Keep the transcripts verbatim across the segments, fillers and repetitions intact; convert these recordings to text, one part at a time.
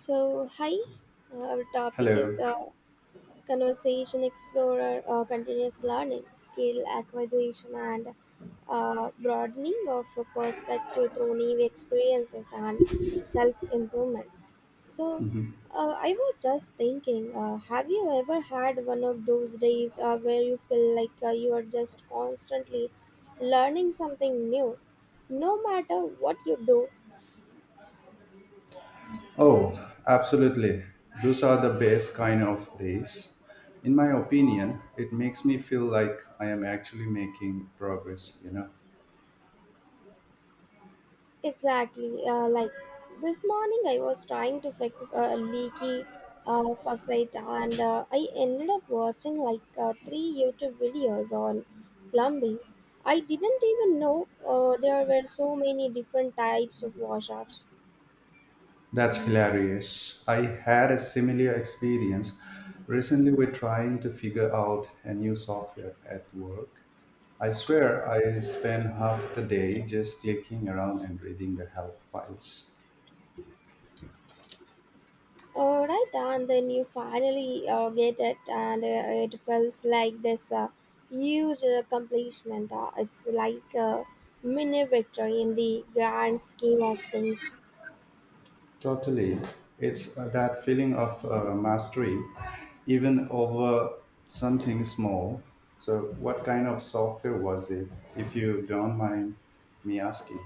So, hi. Uh, our topic is Hello. uh, Conversation Explorer, uh, Continuous Learning, Skill Acquisition, and uh, Broadening of a Perspective Through New Experiences and Self Improvement. So, Mhm. uh, I was just thinking, uh, have you ever had one of those days uh, where you feel like uh, you are just constantly learning something new? No matter what you do? Oh, absolutely. Those are the best kind of days. In my opinion, it makes me feel like I am actually making progress, you know. Exactly. Uh, like this morning, I was trying to fix a leaky uh, faucet, and uh, I ended up watching like uh, three YouTube videos on plumbing. I didn't even know uh, there were so many different types of wash-offs. That's hilarious. I had a similar experience recently. We're trying to figure out a new software at work. I swear I spent half the day just clicking around and reading the help files. Uh, right, and then you finally uh, get it, and uh, it feels like this uh, huge accomplishment. Uh, it's like a mini victory in the grand scheme of things. Totally. It's uh, that feeling of uh, mastery, even over something small. So, what kind of software was it, if you don't mind me asking?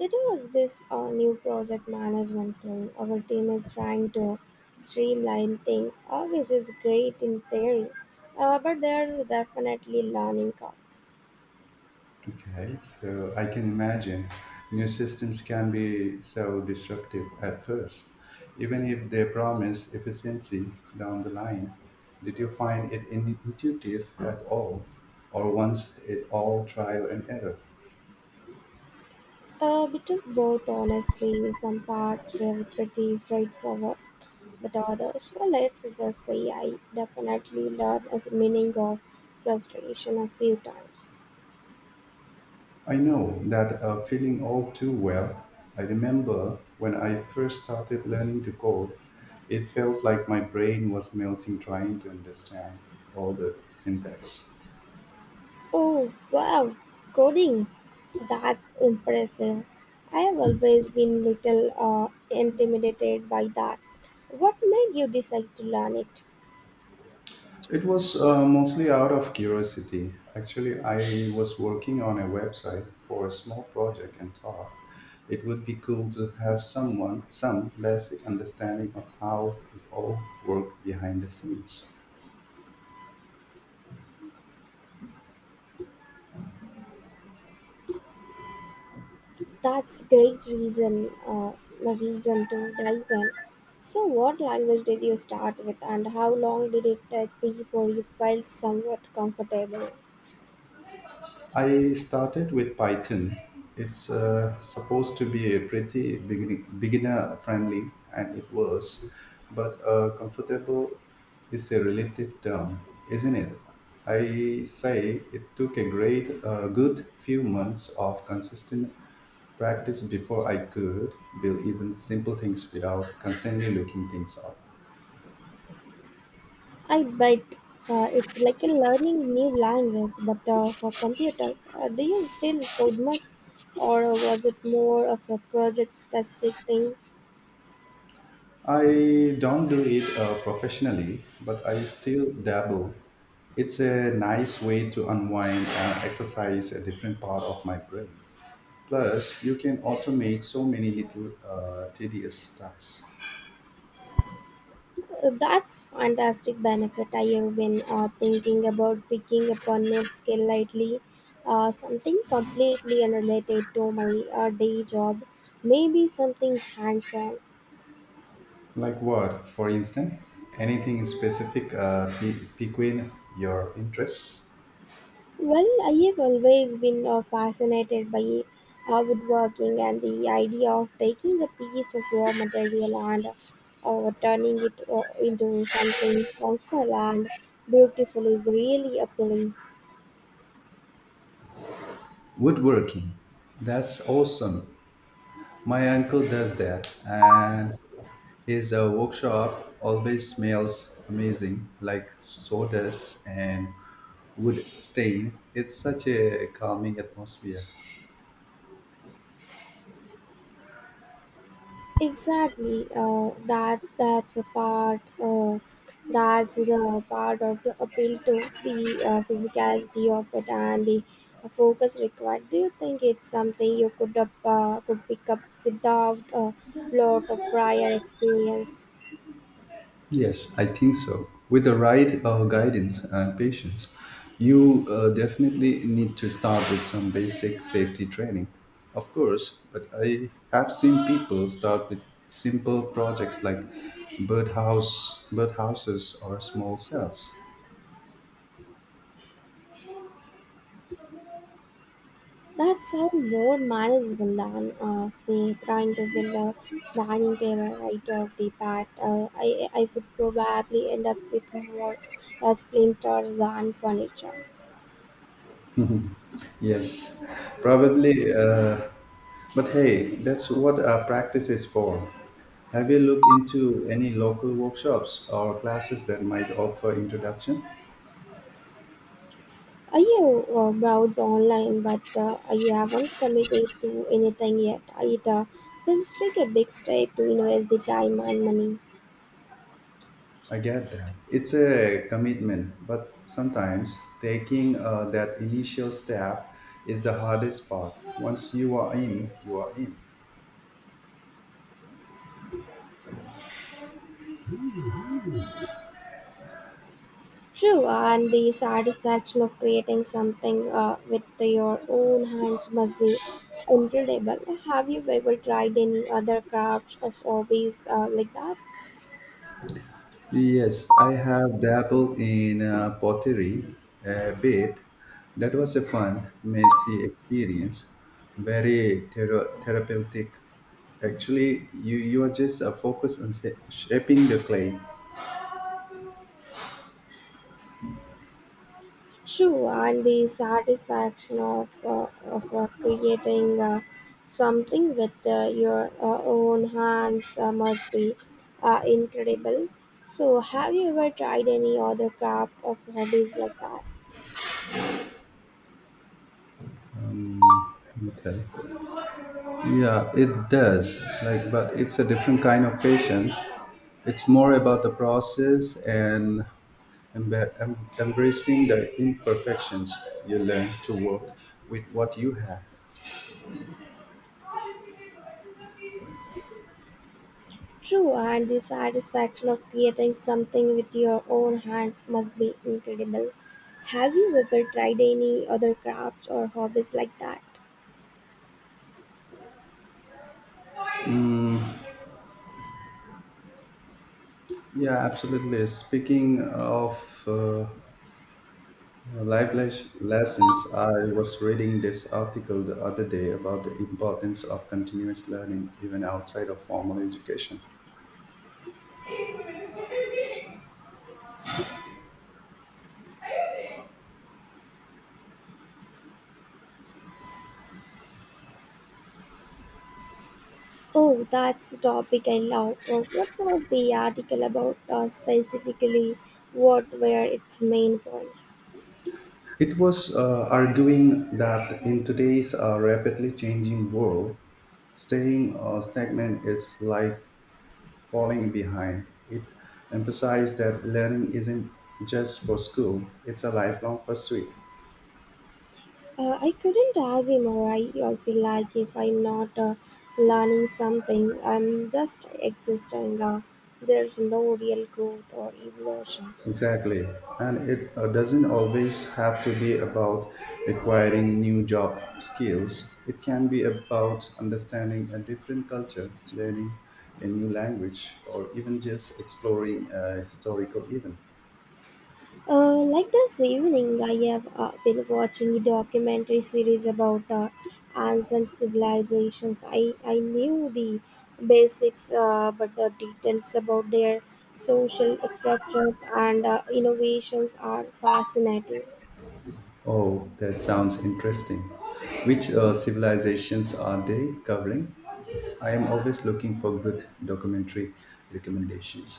It was this uh, new project management tool. Our team is trying to streamline things, uh, which is great in theory, uh, but there's definitely learning curve. Okay, so I can imagine new systems can be so disruptive at first, even if they promise efficiency down the line. Did you find it in- intuitive at all, or once it all trial and error? A bit of both, honestly. Some parts were pretty straightforward, but others, uh, let's just say I definitely learned as meaning of frustration a few times. I know that uh, feeling all too well. I remember when I first started learning to code, it felt like my brain was melting trying to understand all the syntax. Oh, wow, coding. That's impressive. I have always been little uh, intimidated by that. What made you decide to learn it? It was uh, mostly out of curiosity. Actually, I was working on a website for a small project and thought it would be cool to have someone, some basic understanding of how it all worked behind the scenes. That's great reason, uh, a reason to dive in. So, what language did you start with, and how long did it take before you felt somewhat comfortable? I started with Python. It's uh, supposed to be a pretty beginning, beginner friendly, and it was, but uh, comfortable is a relative term, isn't it? I say it took a great, uh, good few months of consistent practice before I could build even simple things without constantly looking things up. I bet uh, it's like a learning new language, but uh, for computer, uh, do you still code much, or uh, was it more of a project-specific thing? I don't do it uh, professionally, but I still dabble. It's a nice way to unwind and exercise a different part of my brain. Plus, you can automate so many little uh, tedious tasks. Uh, that's fantastic benefit. I have been uh, thinking about picking up a new skill lately, uh, something completely unrelated to my uh, day job, maybe something hands-on. Like what, for instance? Anything specific uh, pe- piquing your interests? Well, I have always been uh, fascinated by uh, woodworking, and the idea of taking a piece of raw material and uh, turning it uh, into something functional and beautiful is really appealing. Woodworking. That's awesome. My uncle does that, and his uh, workshop always smells amazing, like sawdust and wood stain. It's such a calming atmosphere. Exactly. Uh, that that's a part. Uh, that's the part of the appeal, to the uh, physicality of it and the uh, focus required. Do you think it's something you could up, uh, could pick up without a lot of prior experience? Yes, I think so. With the right uh, guidance and patience, you uh, definitely need to start with some basic safety training, of course. But I have seen people start with simple projects like birdhouse, birdhouses, or small cells. That sounds more manageable than uh, say trying to build a dining table right off the bat. Uh, I I would probably end up with more uh, splinters than furniture. Yes, probably. Uh, but hey, that's what our practice is for. Have you looked into any local workshops or classes that might offer introduction? I have uh, browsed online, but uh, I haven't committed to anything yet. It uh, feels like a big step to invest the time and money. I get that. It's a commitment, but sometimes taking uh, that initial step is the hardest part. Once you are in, you are in. True, and the satisfaction of creating something uh, with your own hands must be incredible. Have you ever tried any other crafts or hobbies uh, like that? Yes, I have dabbled in uh, pottery a bit. That was a fun, messy experience, very thera- therapeutic. Actually, you you are just uh, focused on sa- shaping the clay. True, and the satisfaction of, uh, of uh, creating uh, something with uh, your uh, own hands uh, must be uh, incredible. So, have you ever tried any other craft or hobbies like that? Um, okay. Yeah, it does. Like, but it's a different kind of patient. It's more about the process and embe- em- embracing the imperfections. You learn to work with what you have. True, and the satisfaction of creating something with your own hands must be incredible. Have you ever tried any other crafts or hobbies like that? Yeah, absolutely. Speaking of uh, life les- lessons, I was reading this article the other day about the importance of continuous learning even outside of formal education. Oh, that's a topic I love. Uh, What was the article about, uh, specifically? What were its main points? It was uh, arguing that in today's uh, rapidly changing world, staying uh, stagnant is like falling behind. It emphasized that learning isn't just for school, it's a lifelong pursuit. Uh, I couldn't argue more. I, I feel like if I'm not uh, learning something, I'm just existing. Uh, there's no real growth or evolution. Exactly. And it uh, doesn't always have to be about acquiring new job skills. It can be about understanding a different culture, learning a new language, or even just exploring a historical event. Uh, like this evening, I have uh, been watching a documentary series about uh, ancient civilizations. I, I knew the basics, uh, but the details about their social structures and uh, innovations are fascinating. Oh, that sounds interesting. Which uh, civilizations are they covering? I am always looking for good documentary recommendations.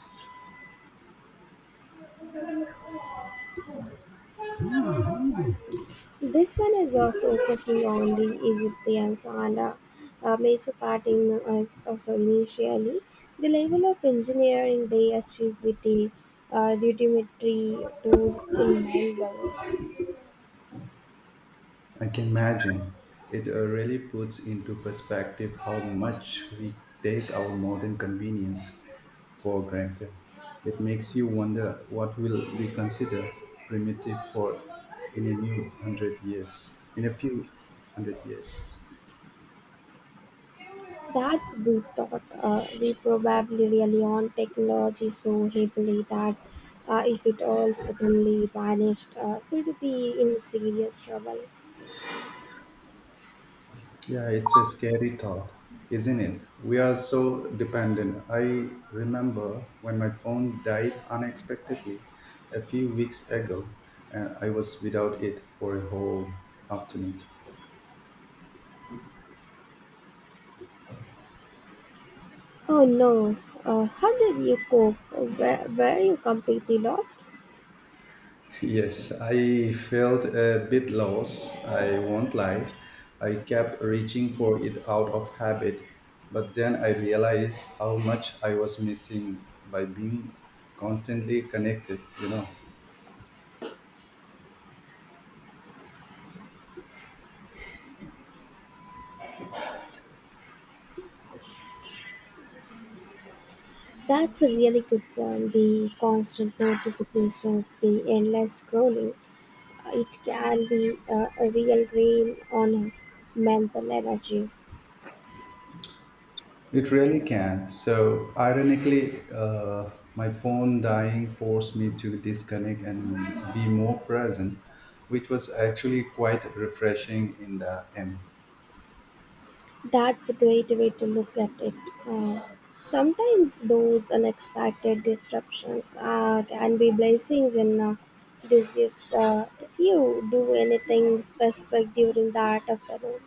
This one is uh, focusing on the Egyptians and uh, uh, Mesopotamia as also initially. The level of engineering they achieved with the uh, rudimentary tools in mind blowing. I can imagine. It uh, really puts into perspective how much we take our modern convenience for granted. It makes you wonder what will we consider primitive for in a new hundred years, in a few hundred years. That's good thought. Uh, we probably rely on technology so heavily that uh, if it all suddenly vanished, uh, we'd be in serious trouble. Yeah, it's a scary thought, isn't it? We are so dependent. I remember when my phone died unexpectedly a few weeks ago, and I was without it for a whole afternoon. Oh no, uh, how did you cope? Were, were you completely lost? Yes, I felt a bit lost, I won't lie. I kept reaching for it out of habit, but then I realized how much I was missing by being constantly connected, you know. That's a really good point. The constant notifications, the endless scrolling, it can be a, a real drain on mental energy. It really can. So, ironically, uh, my phone dying forced me to disconnect and be more present, which was actually quite refreshing in the end. That's a great way to look at it. Uh, Sometimes those unexpected disruptions uh, can be blessings in uh, disguise. Uh, did you do anything specific during that afternoon?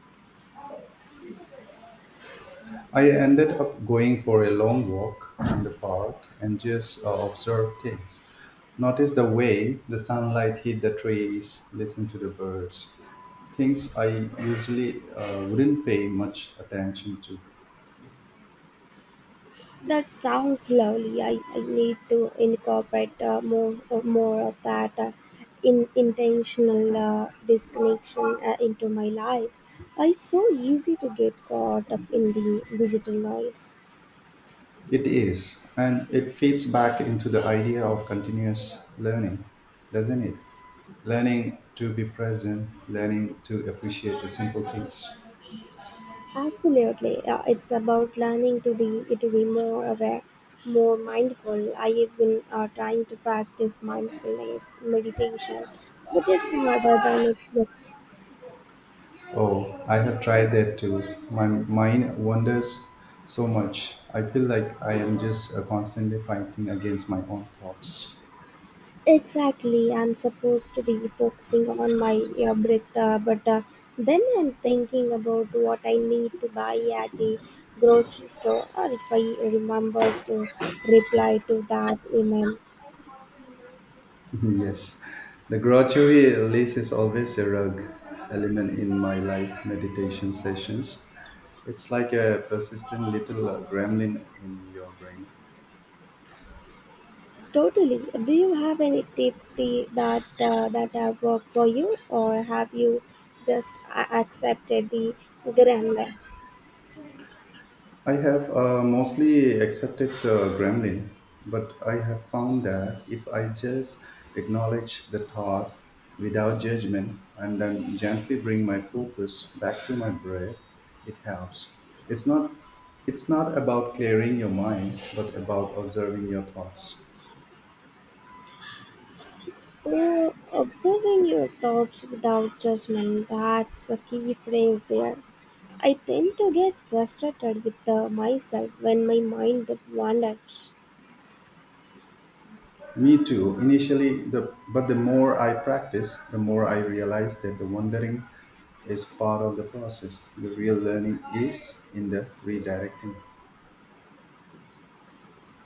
I ended up going for a long walk in the park and just uh, observe things. Notice the way the sunlight hit the trees, listen to the birds, things I usually uh, wouldn't pay much attention to. That sounds lovely. I, I need to incorporate uh, more uh, more of that uh, in intentional uh, disconnection uh, into my life. Uh, it's so easy to get caught up in the digital noise. It is, and it feeds back into the idea of continuous learning, doesn't it? Learning to be present, learning to appreciate the simple things. Absolutely, uh, it's about learning to the to be more aware, more mindful. I have been uh, trying to practice mindfulness meditation, but it's harder than it looks. Oh, I have tried that too. My mind wanders so much. I feel like I am just uh, constantly fighting against my own thoughts. Exactly, I'm supposed to be focusing on my uh, breath, uh, but uh, then I'm thinking about what I need to buy at the grocery store, or if I remember to reply to that email. Yes, the gratuity at is always a rug element in my life meditation sessions. It's like a persistent little uh, gremlin in your brain. Totally. Do you have any tip t- that uh, that have worked for you, or have you just a- accepted the grammar? I have uh, mostly accepted uh, gremlin, but I have found that if I just acknowledge the thought without judgment and then gently bring my focus back to my breath, it helps. It's not it's not about clearing your mind, but about observing your thoughts. Oh, observing your thoughts without judgment. That's a key phrase there. I tend to get frustrated with uh, myself when my mind wanders. Me too. Initially, the but the more I practice, the more I realize that the wandering is part of the process. The real learning is in the redirecting.